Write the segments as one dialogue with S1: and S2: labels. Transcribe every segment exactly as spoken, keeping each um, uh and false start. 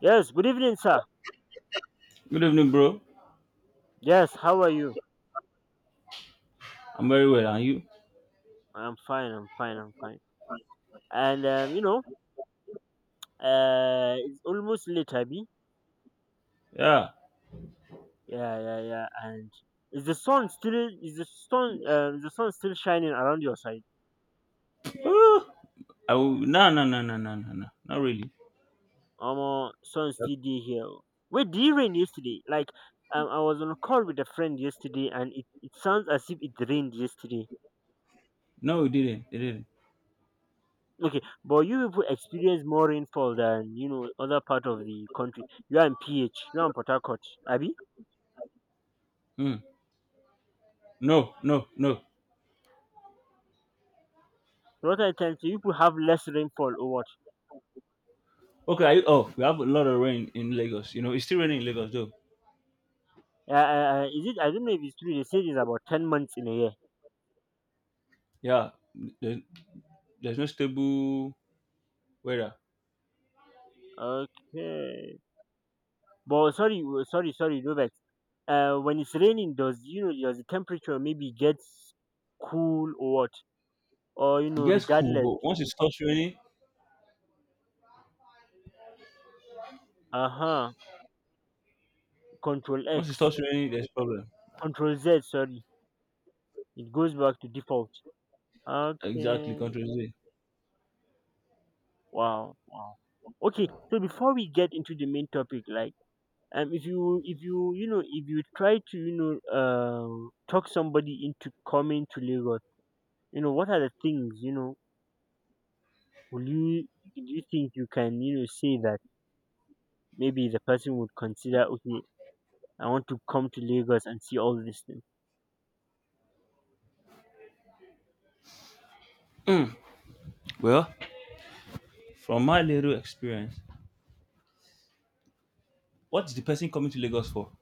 S1: Yes, good evening, sir.
S2: Good evening, bro.
S1: Yes, how are you?
S2: I'm very well. And you?
S1: I'm fine, I'm fine, I'm fine. And um, you know, uh it's almost late, Abby.
S2: Yeah.
S1: Yeah, yeah, yeah. And is the sun still is the sun um the sun still shining around your side?
S2: Oh, I will, no, no, no, no, no, no, no. Not really.
S1: Um sun
S2: Yep.
S1: still dey here. Wait, did it rain yesterday? Like um I was on a call with a friend yesterday and it, it sounds as if it rained yesterday.
S2: No, it didn't. It didn't.
S1: Okay, but you people experience more rainfall than, you know, other part of the country. You are in P H, you are in Port Harcourt, Abby?
S2: Hmm. No, no, no.
S1: What I of times people have less rainfall or what?
S2: Okay. Are you, oh, we have a lot of rain in Lagos. You know, it's still raining in Lagos, though.
S1: Uh, uh, uh, is it? I don't know if it's true. They say it's about ten months in a year.
S2: Yeah. There's, there's no stable weather.
S1: Okay, but sorry, w- sorry, sorry, Novak. Uh, when it's raining, does, you know, does the temperature maybe gets cool or what? Or, you
S2: It
S1: know,
S2: gets cool,
S1: regardless.
S2: but once it starts raining,
S1: Uh huh. Control
S2: once it
S1: X,
S2: starts raining, there's problem.
S1: Control Z. Sorry, it goes back to default.
S2: Exactly.
S1: Okay.
S2: Control Z.
S1: Wow. Wow. Okay. So before we get into the main topic, like um if you if you, you know, if you try to, you know, um talk somebody into coming to Lagos, you know what are the things, you know, will you do you think you can, you know, say that maybe the person would consider, okay, I want to come to Lagos and see all these things.
S2: Hmm. Well, from my little experience, what's the person coming to Lagos for?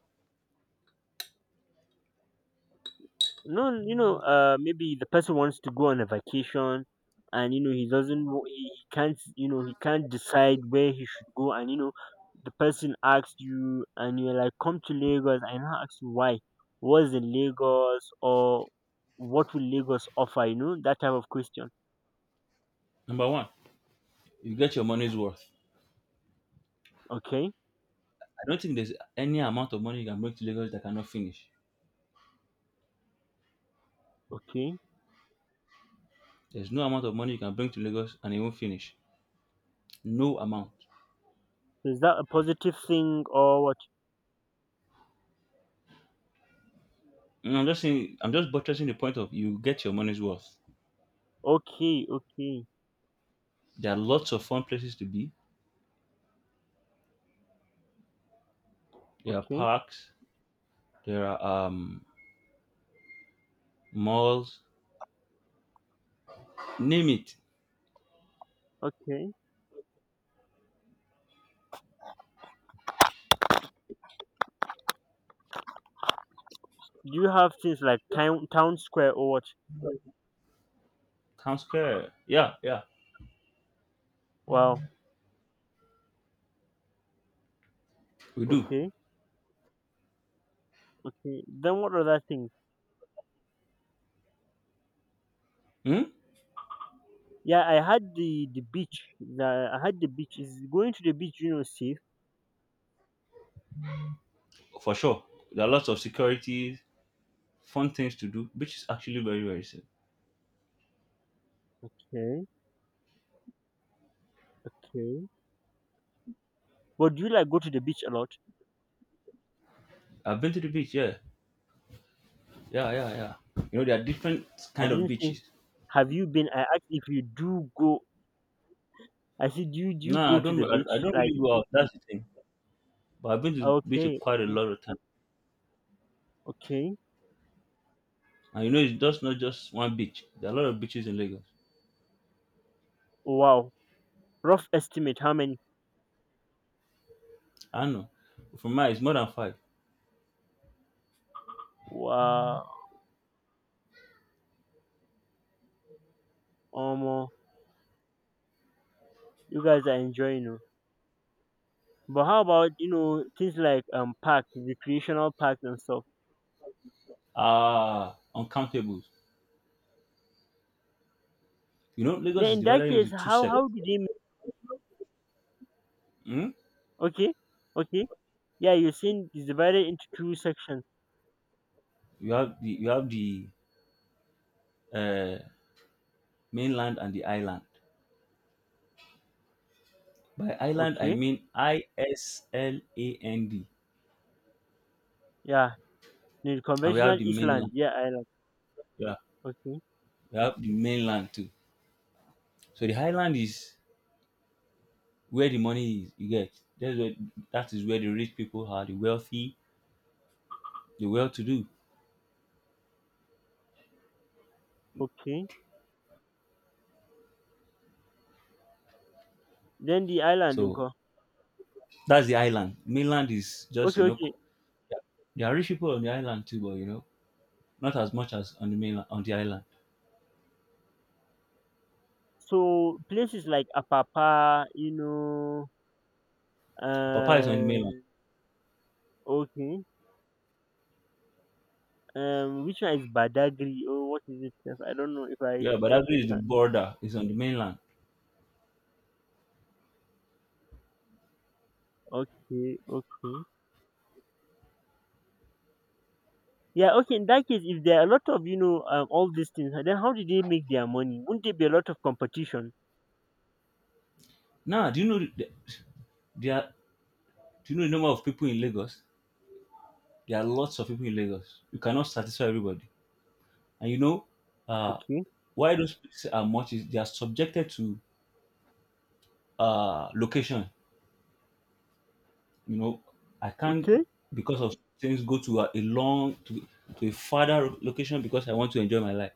S1: No, you know, uh, maybe the person wants to go on a vacation, and you know he doesn't, know- he he can't, you know, he can't decide where he should go, and you know, the person asks you, and you're like, "Come to Lagos," and I ask you why, what's in Lagos, or what will Lagos offer? You know, that type of question.
S2: Number one, you get your money's worth.
S1: Okay,
S2: I don't think there's any amount of money you can bring to Lagos that cannot finish.
S1: okay.
S2: There's no amount of money you can bring to Lagos and it won't finish. No amount.
S1: So is that a positive thing or what?
S2: And I'm just saying, I'm just buttressing the point of you get your money's worth.
S1: Okay, okay,
S2: There are lots of fun places to be. There are
S1: okay,
S2: parks. There are um, malls. Name it.
S1: okay. Do you have things like town town square or what?
S2: Town Square. Yeah, yeah,
S1: Wow,
S2: we do.
S1: okay. Okay, then what other thing?
S2: Hmm?
S1: Yeah, I had the the beach. The, I had the beach. Is going to the beach, you know, safe?
S2: For sure. There are lots of securities, fun things to do. Beach is actually very, very safe.
S1: Okay, okay. But do you like go to the beach a lot?
S2: I've been to the beach. Yeah, yeah, yeah, yeah. You know, there are different
S1: I
S2: kind of
S1: didn't say.
S2: beaches.
S1: Have you been? I asked if you do go. I said, do you do
S2: No,
S1: you
S2: I
S1: go to
S2: don't.
S1: the
S2: I, I
S1: beach?
S2: don't
S1: Like,
S2: really go out. That's the thing. But I've been to beach
S1: okay,
S2: quite a
S1: okay,
S2: lot of times,
S1: okay.
S2: and you know, it's just not just one beach. There are a lot of beaches in Lagos.
S1: Wow. Rough estimate, how many?
S2: I know. For mine, it's more than five.
S1: Wow, almost. You guys are enjoying it. But how about, you know, things like um park, recreational parks and stuff?
S2: Ah, uncountable. You know, Lagos
S1: Then
S2: is
S1: in that
S2: divided into
S1: case,
S2: two
S1: how
S2: sectors.
S1: how do they?
S2: Hmm.
S1: Okay, okay. Yeah, you're saying it's divided into two sections.
S2: You have the you have the uh, mainland and the island. By island, I
S1: Okay.
S2: mean I S L A N D,
S1: Yeah. The
S2: and we have
S1: conventional
S2: the
S1: Island.
S2: mainland.
S1: Yeah, island.
S2: Yeah,
S1: Okay.
S2: we have the mainland too. So the highland is where the money is, you get, that's where that is where the rich people are, the wealthy, the well-to-do.
S1: Okay. Then the island,
S2: So
S1: Nko.
S2: that's the island, mainland is just,
S1: Okay,
S2: you know, co-
S1: okay.
S2: there are rich people on the island too, but you know not as much as on the mainland, on the island.
S1: So places like Apapa, you know,
S2: Papa is on the mainland.
S1: um, okay. Um, which one is Badagry? Or what is it? I don't know if I,
S2: Yeah, but that
S1: if
S2: is the
S1: I.
S2: border, is on the mainland.
S1: Okay, okay. Yeah, okay. In that case, if there are a lot of, you know, um, all these things, then how do they make their money? Wouldn't there be a lot of competition?
S2: Now, do you know the, there are do you know the number of people in Lagos? There are lots of people in Lagos. You cannot satisfy everybody. And you know, uh
S1: Okay,
S2: why those places are much is they are subjected to uh location. You know, I can't,
S1: okay,
S2: because of things, go to a, a long to, to a farther location because I want to enjoy my life.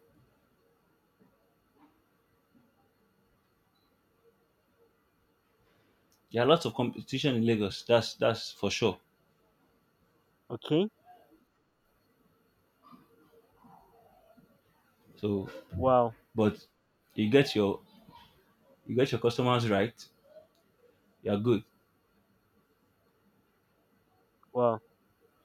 S2: There are lots of competition in Lagos. That's that's for sure.
S1: okay.
S2: So,
S1: Wow.
S2: but you get your you get your customers right. You're good.
S1: Wow.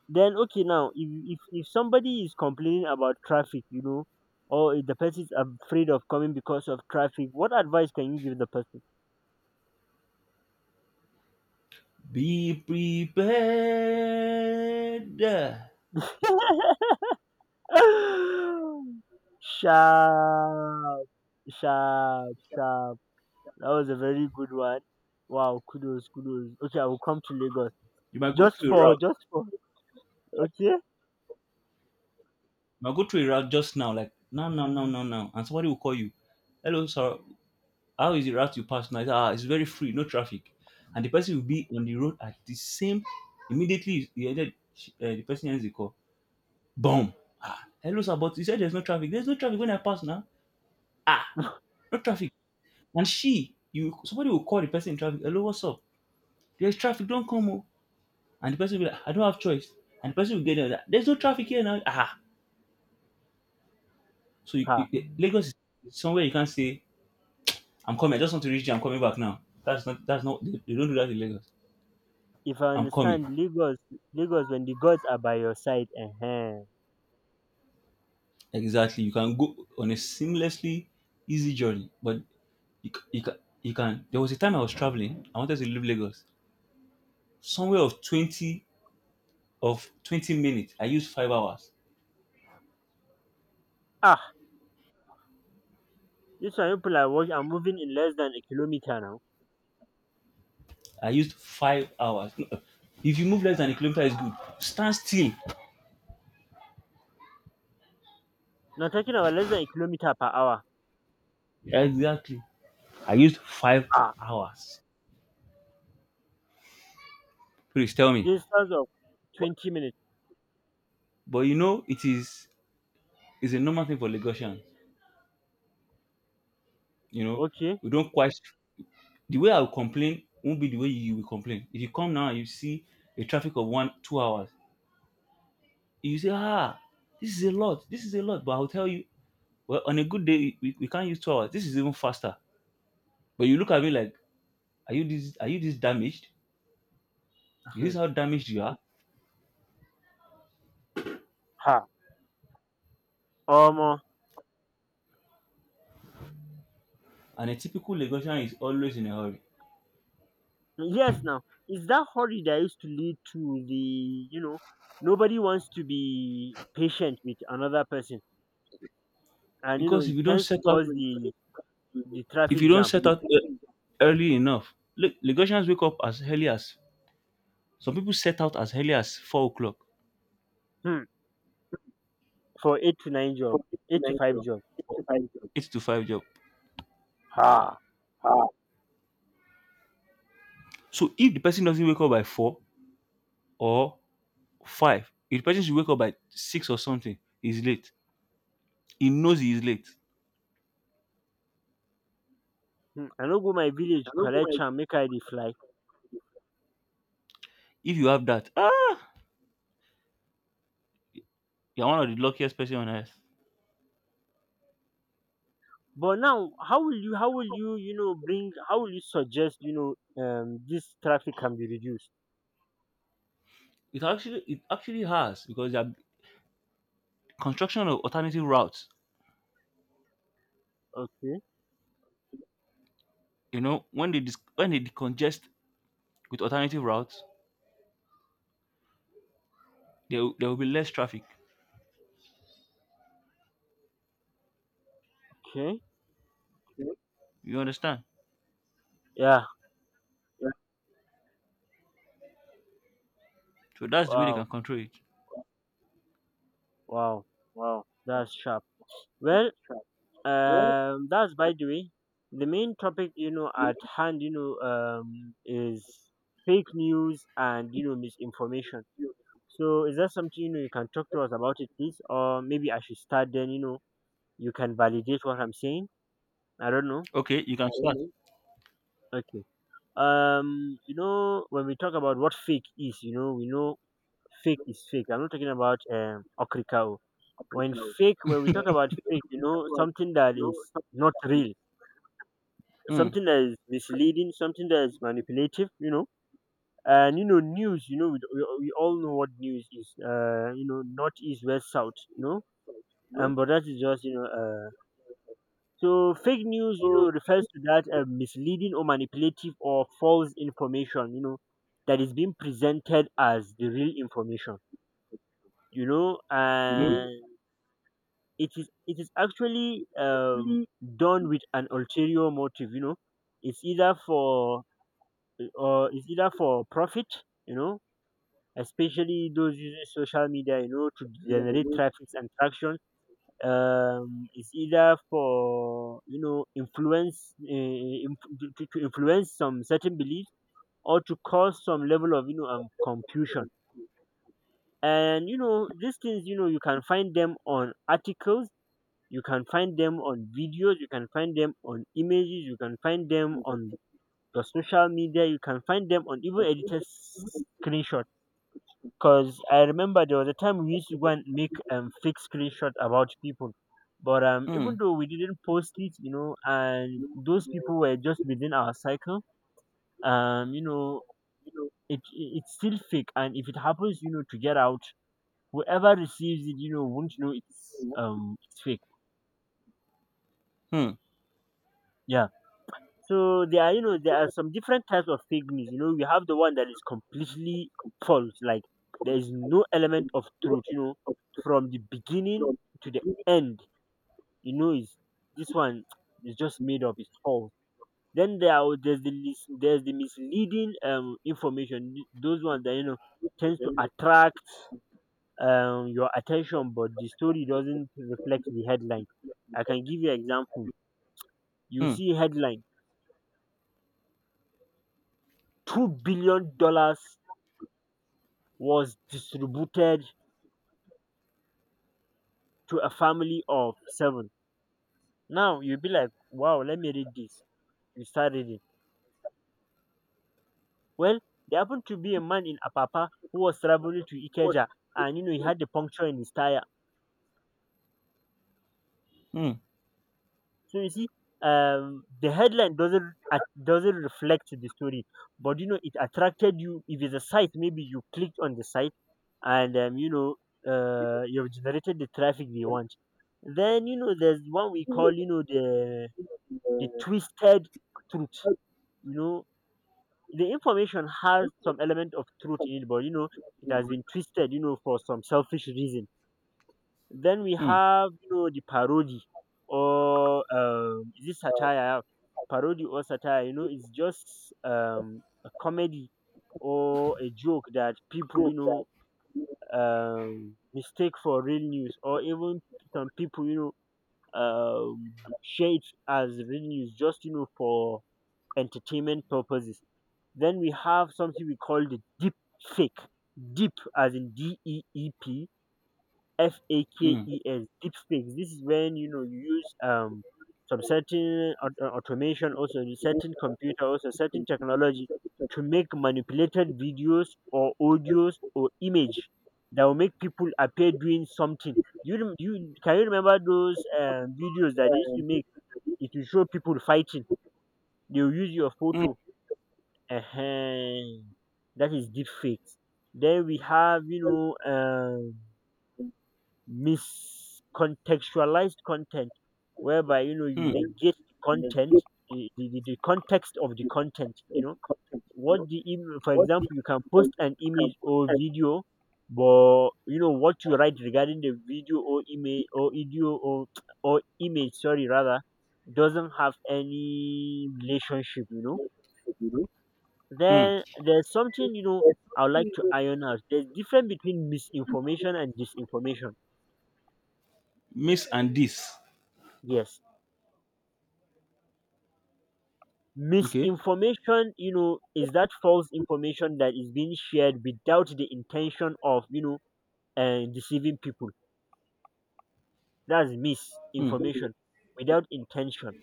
S1: Then okay now if if if somebody is complaining about traffic, you know, or if the person is afraid of coming because of traffic, what advice can you give the person?
S2: Be prepared.
S1: sharp, sharp, sharp. That was a very good one. Wow, kudos, kudos. Okay, I will come to Lagos
S2: You might go
S1: just
S2: through a
S1: for
S2: route.
S1: just for okay.
S2: You might go through a route just now, like no, no, no, no, no, and somebody will call you. Hello, sir. How is the route you pass now? He said, ah, it's very free, no traffic. And the person will be on the road at the same, immediately he ended she- uh, the person ends the call. Boom. Ah, hello sir, but you said there's no traffic. There's no traffic when I pass now. Ah, no traffic. And she, you somebody will call the person in traffic, hello, what's up? There's traffic, don't come. Oh, and the person will be like, I don't have choice. And the person will get there, like, there's no traffic here now. Ah. So you, you,
S1: Ha.
S2: you- Lagos is somewhere you can't say, I'm coming, I just want to reach you, I'm coming back now. That's not that's not they, they don't do that in Lagos.
S1: If I
S2: I'm coming.
S1: understand Lagos, Lagos when the gods are by your side, eh? Eh.
S2: Exactly. You can go on a seamlessly easy journey, but you, c- you, can, you can. There was a time I was traveling. I wanted to leave Lagos. Somewhere of twenty of twenty minutes, I used five hours.
S1: Ah. You saw people I watch are moving in less than a kilometer now.
S2: I used five hours. No, if you move less than a kilometer, is good. Stand still.
S1: Now talking about less than a kilometer per hour.
S2: Exactly. I used five
S1: Ah,
S2: hours. Please tell me.
S1: distance of
S2: But
S1: twenty minutes.
S2: but you know it is is a normal thing for Lagosians. You know,
S1: Okay.
S2: we don't quite the way I will complain won't be the way you will complain. If you come now and you see a traffic of one, two hours, you say, ah, this is a lot, this is a lot. But I'll tell you, well, on a good day, we, we can't use two hours. This is even faster. But you look at me like, are you this are you this damaged? Is this how damaged you are?
S1: ha. Um,
S2: And a typical Lagosian is always in a hurry.
S1: yes, now is that hurry that used to lead to the, you know, nobody wants to be patient with another person, and you know
S2: Because if
S1: it
S2: you don't
S1: tends
S2: set
S1: to
S2: out
S1: cause the the
S2: if you
S1: traffic
S2: don't
S1: jam.
S2: set out e- early enough. Look, Lagosians wake up as early as, some people set out as early as four o'clock.
S1: Hmm. For eight to nine job, eight to five job.
S2: Eight to five job.
S1: Ha.
S2: So if the person doesn't wake up by four or five, if the person should wake up by six or something, he's late. He knows he is late.
S1: Hmm. I no go my village collect am make I dey fly.
S2: If you have that, ah, you're one of the luckiest person on earth.
S1: But now, how will you, how will you, you know, bring, how will you suggest, you know, um, this traffic can be reduced?
S2: It actually it actually has because the construction of alternative routes.
S1: Okay,
S2: You know, when they dis- when they decongest with alternative routes, there will- there will be less traffic.
S1: okay,
S2: You understand?
S1: yeah,
S2: So that's the way they can
S1: wow,
S2: control it.
S1: wow, wow, that's sharp. Well, um, that's by the way, the main topic, you know, at hand, you know, um, is fake news and, you know, misinformation. So, is that something, you know, you can talk to us about it, please, or maybe I should start then, you know, you can validate what I'm saying. I don't know.
S2: Okay, you can start.
S1: Okay. um you know when we talk about what fake is, you know, we know fake is fake. I'm not talking about um okrikao. When fake, when we talk about fake, you know, something that is not real,
S2: Mm,
S1: something that is misleading, something that is manipulative, you know, and, you know, news, you know, we, we, we all know what news is. uh you know, north east west south, you know, and but that is just, you know, uh So fake news, you know, refers to that uh, misleading or manipulative or false information, you know, that is being presented as the real information, you know,
S2: mm,
S1: and it is it is actually um, done with an ulterior motive, you know. It's either for or it's either for profit, you know, especially those using social media, you know, to generate traffic and traction. um it's either for, you know, influence eh, inf- to, to to influence some certain beliefs, or to cause some level of, you know, um confusion. And you know these things, you know, you can find them on articles, you can find them on videos, you can find them on images, you can find them on the social media, you can find them on even edited screenshots. Cause I remember there was a time we used to go and make um fake screenshots about people. But um
S2: know,
S1: even
S2: mm,
S1: though we didn't post it, you know, and those people were just within our cycle, um, you know, it, it it's still fake, and if it happens, you know, to get out, whoever receives it, you know, won't know it's um it's fake.
S2: mm,
S1: Yeah. So there are, you know, there are some different types of fake news. You know, we have the one that is completely false, like there is no element of truth, you know, from the beginning to the end, you know, is this one is just made up, it's false. Then there are, there's the mis- there's the misleading um information. th- Those ones that, you know, tends to attract um your attention, but the story doesn't reflect the headline. I can give you example. You see headline: two billion dollars was distributed to a family of seven. Now you'll be like, wow, let me read this. You start reading. Well, there happened to be a man in Apapa who was traveling to Ikeja and you know he had a puncture in his tire.
S2: mm,
S1: So you see, um, the headline doesn't at- doesn't reflect the story, but you know it attracted you. If it's a site, maybe you clicked on the site, and um, you know uh, you've generated the traffic they want. Then you know there's one we call, you know, the the twisted truth. You know the information has some element of truth in it, but you know it has been twisted, you know, for some selfish reason. Then we
S2: mm,
S1: have, you know, the parody or um, is it satire? Yeah, parody or satire? You know, it's just um, a comedy or a joke that people, you know, um, mistake for real news, or even some people, you know, um, share it as real news just, you know, for entertainment purposes. Then we have something we call the deep fake. Deep as in D E E P F A
S2: mm,
S1: K
S2: mm,
S1: E S, deep fakes deepfakes this is when you know you use um some certain aut- uh, automation, also the certain computer, also certain technology to make manipulated videos or audios or image that will make people appear doing something. You rem- you can you remember those um, videos that they used to make? It will show people fighting, they will use your
S2: mm,
S1: photo. uh that is deep fakes. Then we have, you know um miscontextualized content, whereby you know you
S2: mm,
S1: negate the content, the, the, the the context of the content, you know, what the im- for example, you can post an image or video, but you know what you write regarding the video or image or video or or image, sorry rather, doesn't have any relationship, you know.
S2: mm.
S1: Then there's something, you know, I would like to iron out. There's difference between misinformation and disinformation.
S2: Miss and this.
S1: Yes,
S2: Okay.
S1: misinformation, you know, is that false information that is being shared without the intention of, you know, uh, deceiving people. That's
S2: Hmm.
S1: misinformation, without intention.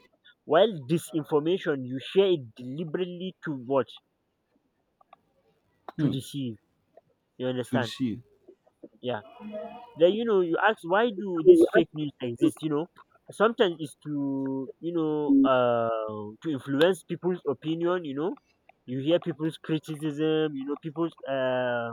S1: While disinformation, you share it deliberately to what? To
S2: Hmm.
S1: deceive. You
S2: To
S1: understand?
S2: see.
S1: Yeah. Then, you know, you ask, why do this fake news exist? You know, sometimes it's to, you know, uh to influence people's opinion, you know. You hear people's criticism, you know, people's uh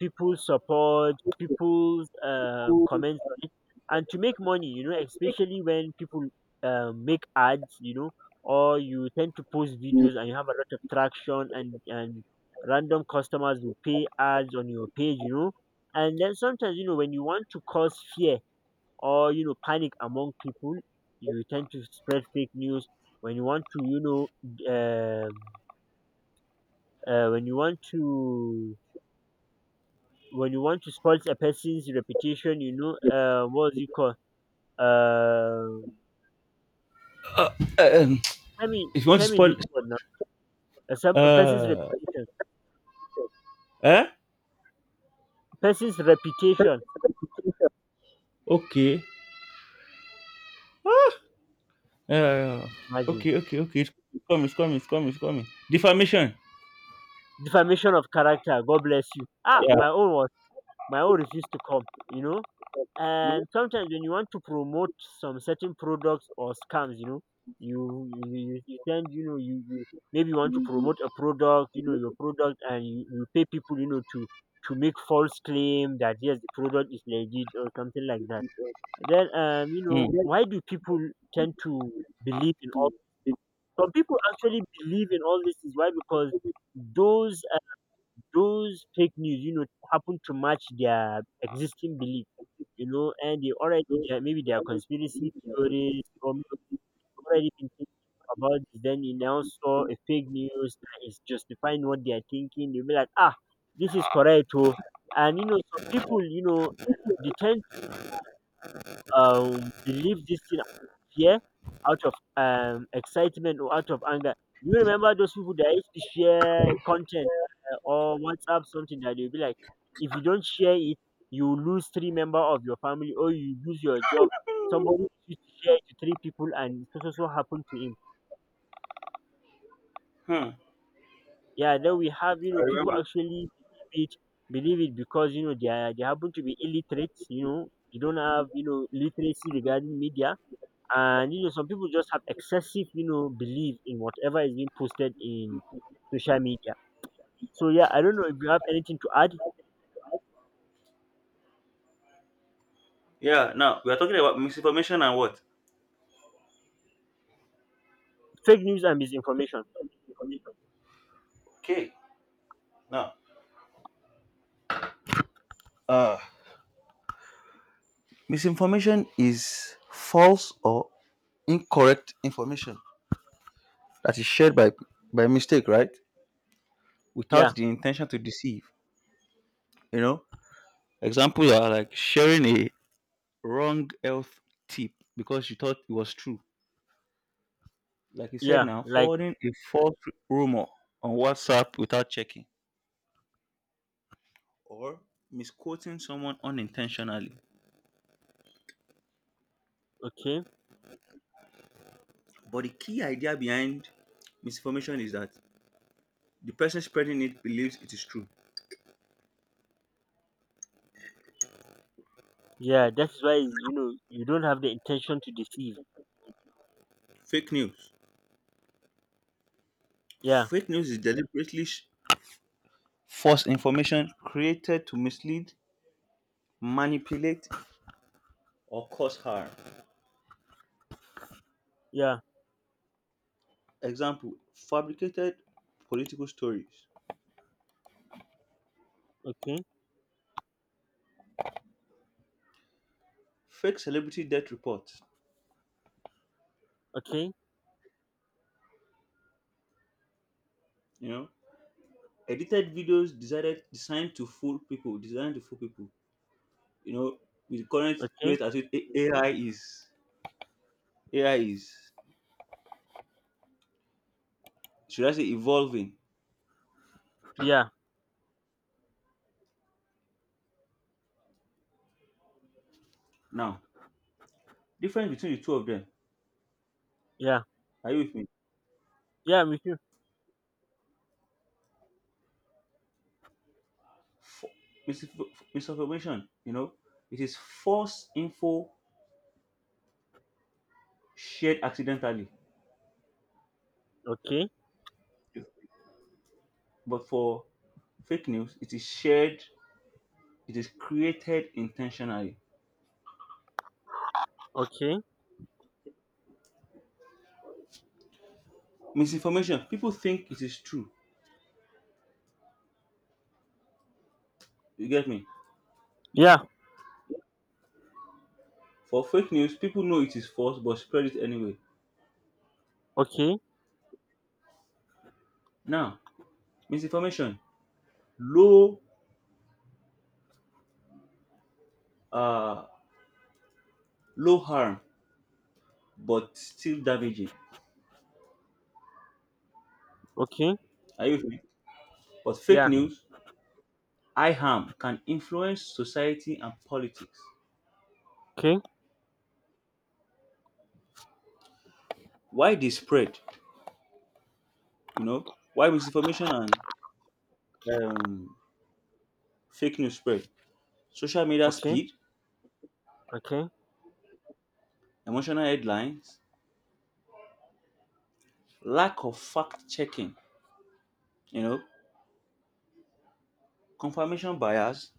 S1: people's support, people's um, comments on it, and to make money, you know, especially when people um, make ads, you know, or you tend to post videos and you have a lot of traction, and and random customers will pay ads on your page, you know. And then sometimes, you know, when you want to cause fear or, you know, panic among people, you tend to spread fake news. When you want to, you know, um, uh, when you want to when you want to spoil a person's reputation, you know, uh, what is it called? Uh,
S2: Uh, um,
S1: tell me,
S2: if you want to
S1: tell me
S2: spoil,
S1: this word now. Uh, some a person's
S2: uh,
S1: reputation,
S2: eh?
S1: person's reputation.
S2: Okay. Uh,
S1: Imagine.
S2: okay. Okay. Okay. It's coming. It's coming. It's coming. It's coming. Defamation.
S1: Defamation of character. God bless you. Ah,
S2: Yeah.
S1: my own was, my own refused to come. You know. And sometimes when you want to promote some certain products or scams, you know, you you, you you send, you know, you, you maybe you want to promote a product, you know, your product, and you, you pay people, you know, to to make false claim that yes, the product is legit or something like that. Then, um, you
S2: Hmm.
S1: know, why do people tend to believe in all? Some people actually believe in all this. Is why, because those uh, those fake news, you know, happen to match their existing belief, you know. And they already, they are- maybe they are conspiracy theories, or maybe already been thinking about this. Then you now saw a fake news that is justifying what they are thinking. You'll be like, ah, this is correct, oh. And you know, some people, you know, they tend um believe this thing out of fear, out of um excitement, or out of anger. You remember those people that used to share content uh, or WhatsApp something that they'll be like, if you don't share it, you lose three members of your family or you lose your job. Somebody used to share it to three people and so so so happened to him.
S2: Hmm.
S1: Yeah, then we have, you know, people actually believe it, believe it because you know they are, they happen to be illiterate. You know, they don't have, you know, literacy regarding media. And you know some people just have excessive, you know, belief in whatever is being posted in social media. So yeah, I don't know if you have anything to add.
S2: Yeah. Now we are talking about misinformation and what?
S1: Fake news and misinformation.
S2: Okay. Now. Uh, misinformation is false or incorrect information that is shared by by mistake, right?
S1: Yeah.
S2: Without the intention to deceive. You know. Example, you are like sharing a wrong health tip because you thought it was true. Like you said
S1: Yeah,
S2: now,
S1: like.
S2: forwarding a false rumor on WhatsApp without checking or misquoting someone unintentionally.
S1: Okay.
S2: But the key idea behind misinformation is that the person spreading it believes it is true.
S1: Yeah, that's why, you know, you don't have the intention to deceive.
S2: Fake news.
S1: Yeah.
S2: Fake news is deliberately sh- false information created to mislead, manipulate, or cause harm.
S1: Yeah.
S2: Example, fabricated political stories,
S1: Okay.
S2: fake celebrity death reports,
S1: Okay.
S2: you know, edited videos decided designed to fool people, designed to fool people, you know, with the current
S1: Okay.
S2: rate at which A- AI is A I is should I say evolving
S1: Yeah.
S2: now. Difference between the two of them.
S1: Yeah.
S2: Are you with me?
S1: Yeah, me too.
S2: F- misinf- misinformation, you know, it is false info shared accidentally,
S1: Okay.
S2: but for fake news, it is shared, it is created intentionally.
S1: Okay.
S2: Misinformation, people think it is true. You get me?
S1: Yeah.
S2: For fake news, people know it is false but spread it anyway.
S1: Okay.
S2: Now, misinformation, low, uh, low harm but still damaging.
S1: Okay.
S2: Are you with me? But fake
S1: Yeah.
S2: news, high harm can influence society and politics.
S1: Okay.
S2: Why they spread? You know why misinformation and um, fake news spread? Social media
S1: Okay.
S2: speed,
S1: Okay.
S2: emotional headlines, lack of fact checking. You know, confirmation bias,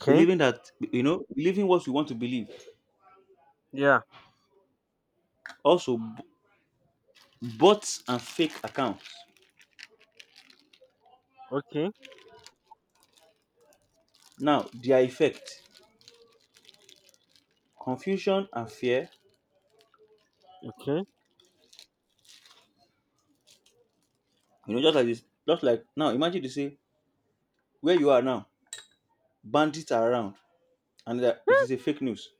S1: Okay.
S2: believing that you know believing what we want to believe.
S1: Yeah.
S2: Also bots and fake accounts.
S1: Okay.
S2: Now their effect, confusion and fear.
S1: Okay.
S2: You know, just like this, just like now. Imagine they say where you are now, bandits are around, and that it is a fake news.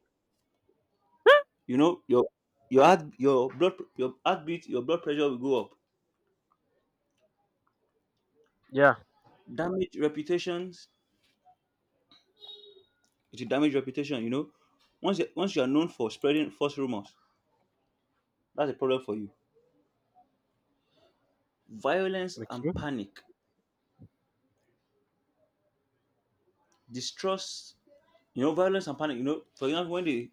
S2: You know, your your heart, your blood, your heartbeat, your blood pressure will go up.
S1: Yeah.
S2: Damage reputations. It will damage reputation. You know, once you, once you are known for spreading false rumors, that's a problem for you. Violence and
S1: Okay.
S2: panic, distrust. You know, violence and panic. You know, for example, when they,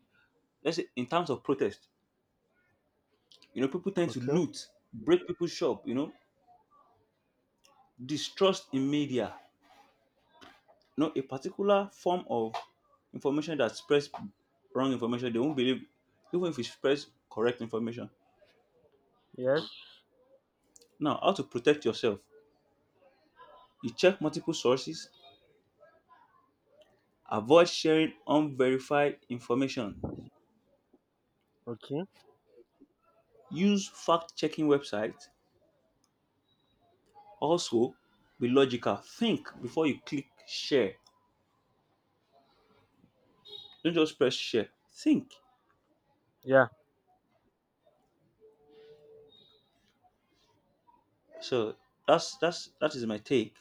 S2: let's say, in terms of protest, you know, people tend to
S1: Okay.
S2: loot, break people's shop, you know, distrust in media. You know, a particular form of information that spreads wrong information, they won't believe, even if it spreads correct information.
S1: Yes,
S2: Now, how to protect yourself? You check multiple sources, avoid sharing unverified information,
S1: okay.
S2: use fact checking websites. Also, be logical. Think before you click share. Don't just press share. Think.
S1: Yeah.
S2: So that's that's that is my take.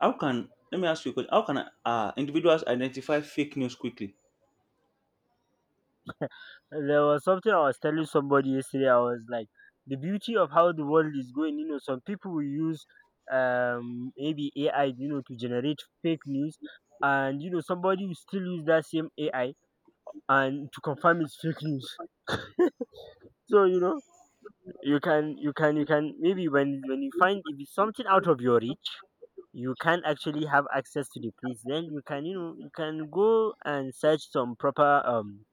S2: How can let me ask you a question. How can uh, individuals identify fake news quickly?
S1: There was something I was telling somebody yesterday. I was like, the beauty of how the world is going, you know, some people will use um maybe A I, you know, to generate fake news. And you know, somebody will still use that same A I and to confirm it's fake news. So, you know, you can you can you can, maybe when when you find if it's something out of your reach, you can actually have access to the place, then you can, you know, you can go and search some proper um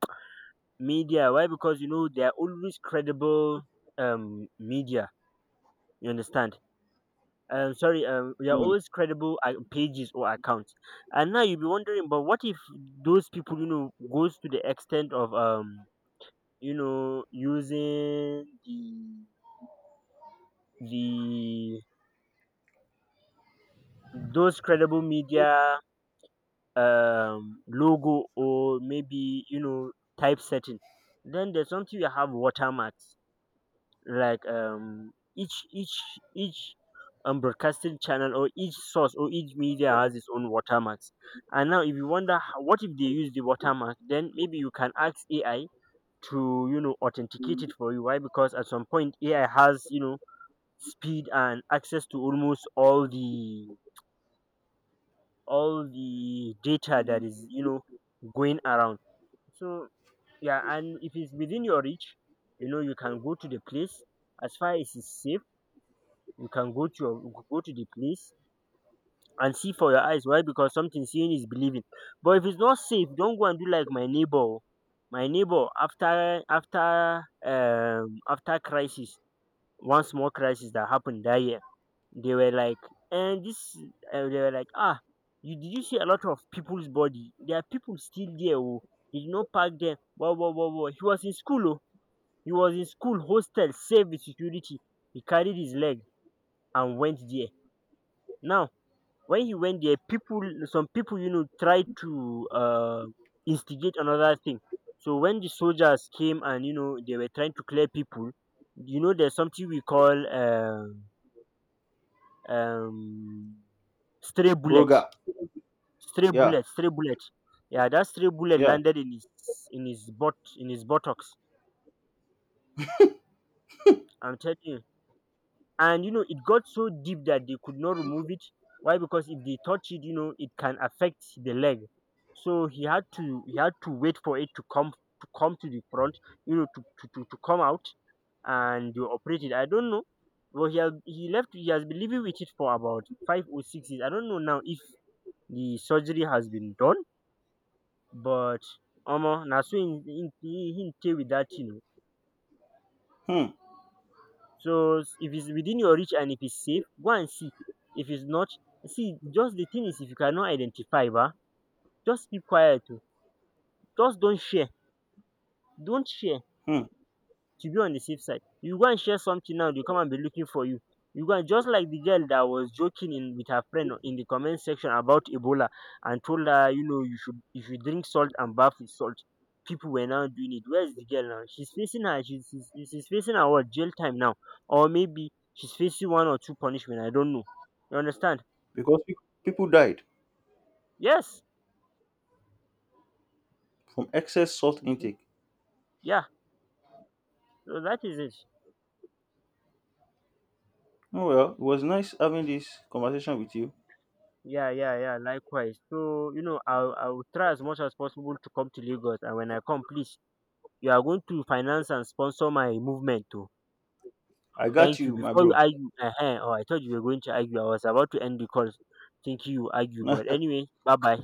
S1: media. Why? Because you know they are always credible um media. You understand? Um, sorry, um, they are
S2: Hmm.
S1: always credible uh, pages or accounts. And now you'll be wondering, but what if those people, you know, goes to the extent of, um, you know, using the the those credible media um logo or maybe you know typesetting? Then there's something you have, watermarks, like, um, each each each um broadcasting channel or each source or each media has its own watermarks. And now if you wonder how, what if they use the watermark, then maybe you can ask AI to, you know, authenticate it for you. Why? Because at some point AI has, you know, speed and access to almost all the, all the data that is, you know, going around. So yeah. And if it's within your reach, you know, you can go to the place, as far as it's safe. You can go to your, go to the place and see for your eyes. Why? Because something seeing is believing. But if it's not safe, don't go and do like my neighbor. Oh. My neighbor, after after um after crisis, one small crisis that happened that year, they were like, and this uh, they were like, ah, you did, you see a lot of people's body? There are people still there. Oh, you did not park them. Wow, wow, wow, wow. He was in school. Oh, he was in school hostel, safe with security. He carried his leg and went there. Now, when he went there, people, some people, you know, tried to uh, instigate another thing. So when the soldiers came and, you know, they were trying to clear people, you know, there's something we call um um stray bullet,
S2: Roger.
S1: stray
S2: Yeah.
S1: bullet stray bullet. Yeah, that stray bullet
S2: Yeah.
S1: landed in his, in his butt, in his buttocks. I'm telling you. And you know it got so deep that they could not remove it. Why? Because if they touch it, you know, it can affect the leg. So he had to, he had to wait for it to come, to come to the front, you know, to to, to, to come out. And they operate it, I don't know. But he has, he left he has been living with it for about five or six years. I don't know now if the surgery has been done. But omo, na so him him him stay with that thing.
S2: Hmm.
S1: So s- if it's within your reach and if it's safe, go and see. If it's not, see, just the thing is, if you cannot identify ba, just keep quiet oh. Just don't share. Don't share.
S2: Hmm.
S1: To be on the safe side. You go and share something now, they come and be looking for you. You go and, just like the girl that was joking in with her friend in the comment section about Ebola and told her, you know, you should, you should drink salt and bath with salt. People were now doing it. Where's the girl now? She's facing her, she's, she's, she's facing her what, jail time now. Or maybe she's facing one or two punishment. I don't know. You understand?
S2: Because pe- people died
S1: Yes.
S2: from excess salt
S1: Mhm.
S2: intake.
S1: Yeah. So that is it.
S2: Oh well, it was nice having this conversation with you.
S1: Yeah, yeah, yeah. Likewise. So you know, I'll I'll try as much as possible to come to Lagos, and when I come, please, you are going to finance and sponsor my movement too.
S2: I got
S1: Thank you.
S2: you, my
S1: Before you
S2: bro.
S1: argue, ehen oh, I thought you were going to argue. I was about to end the call thinking you argue. But anyway, bye bye.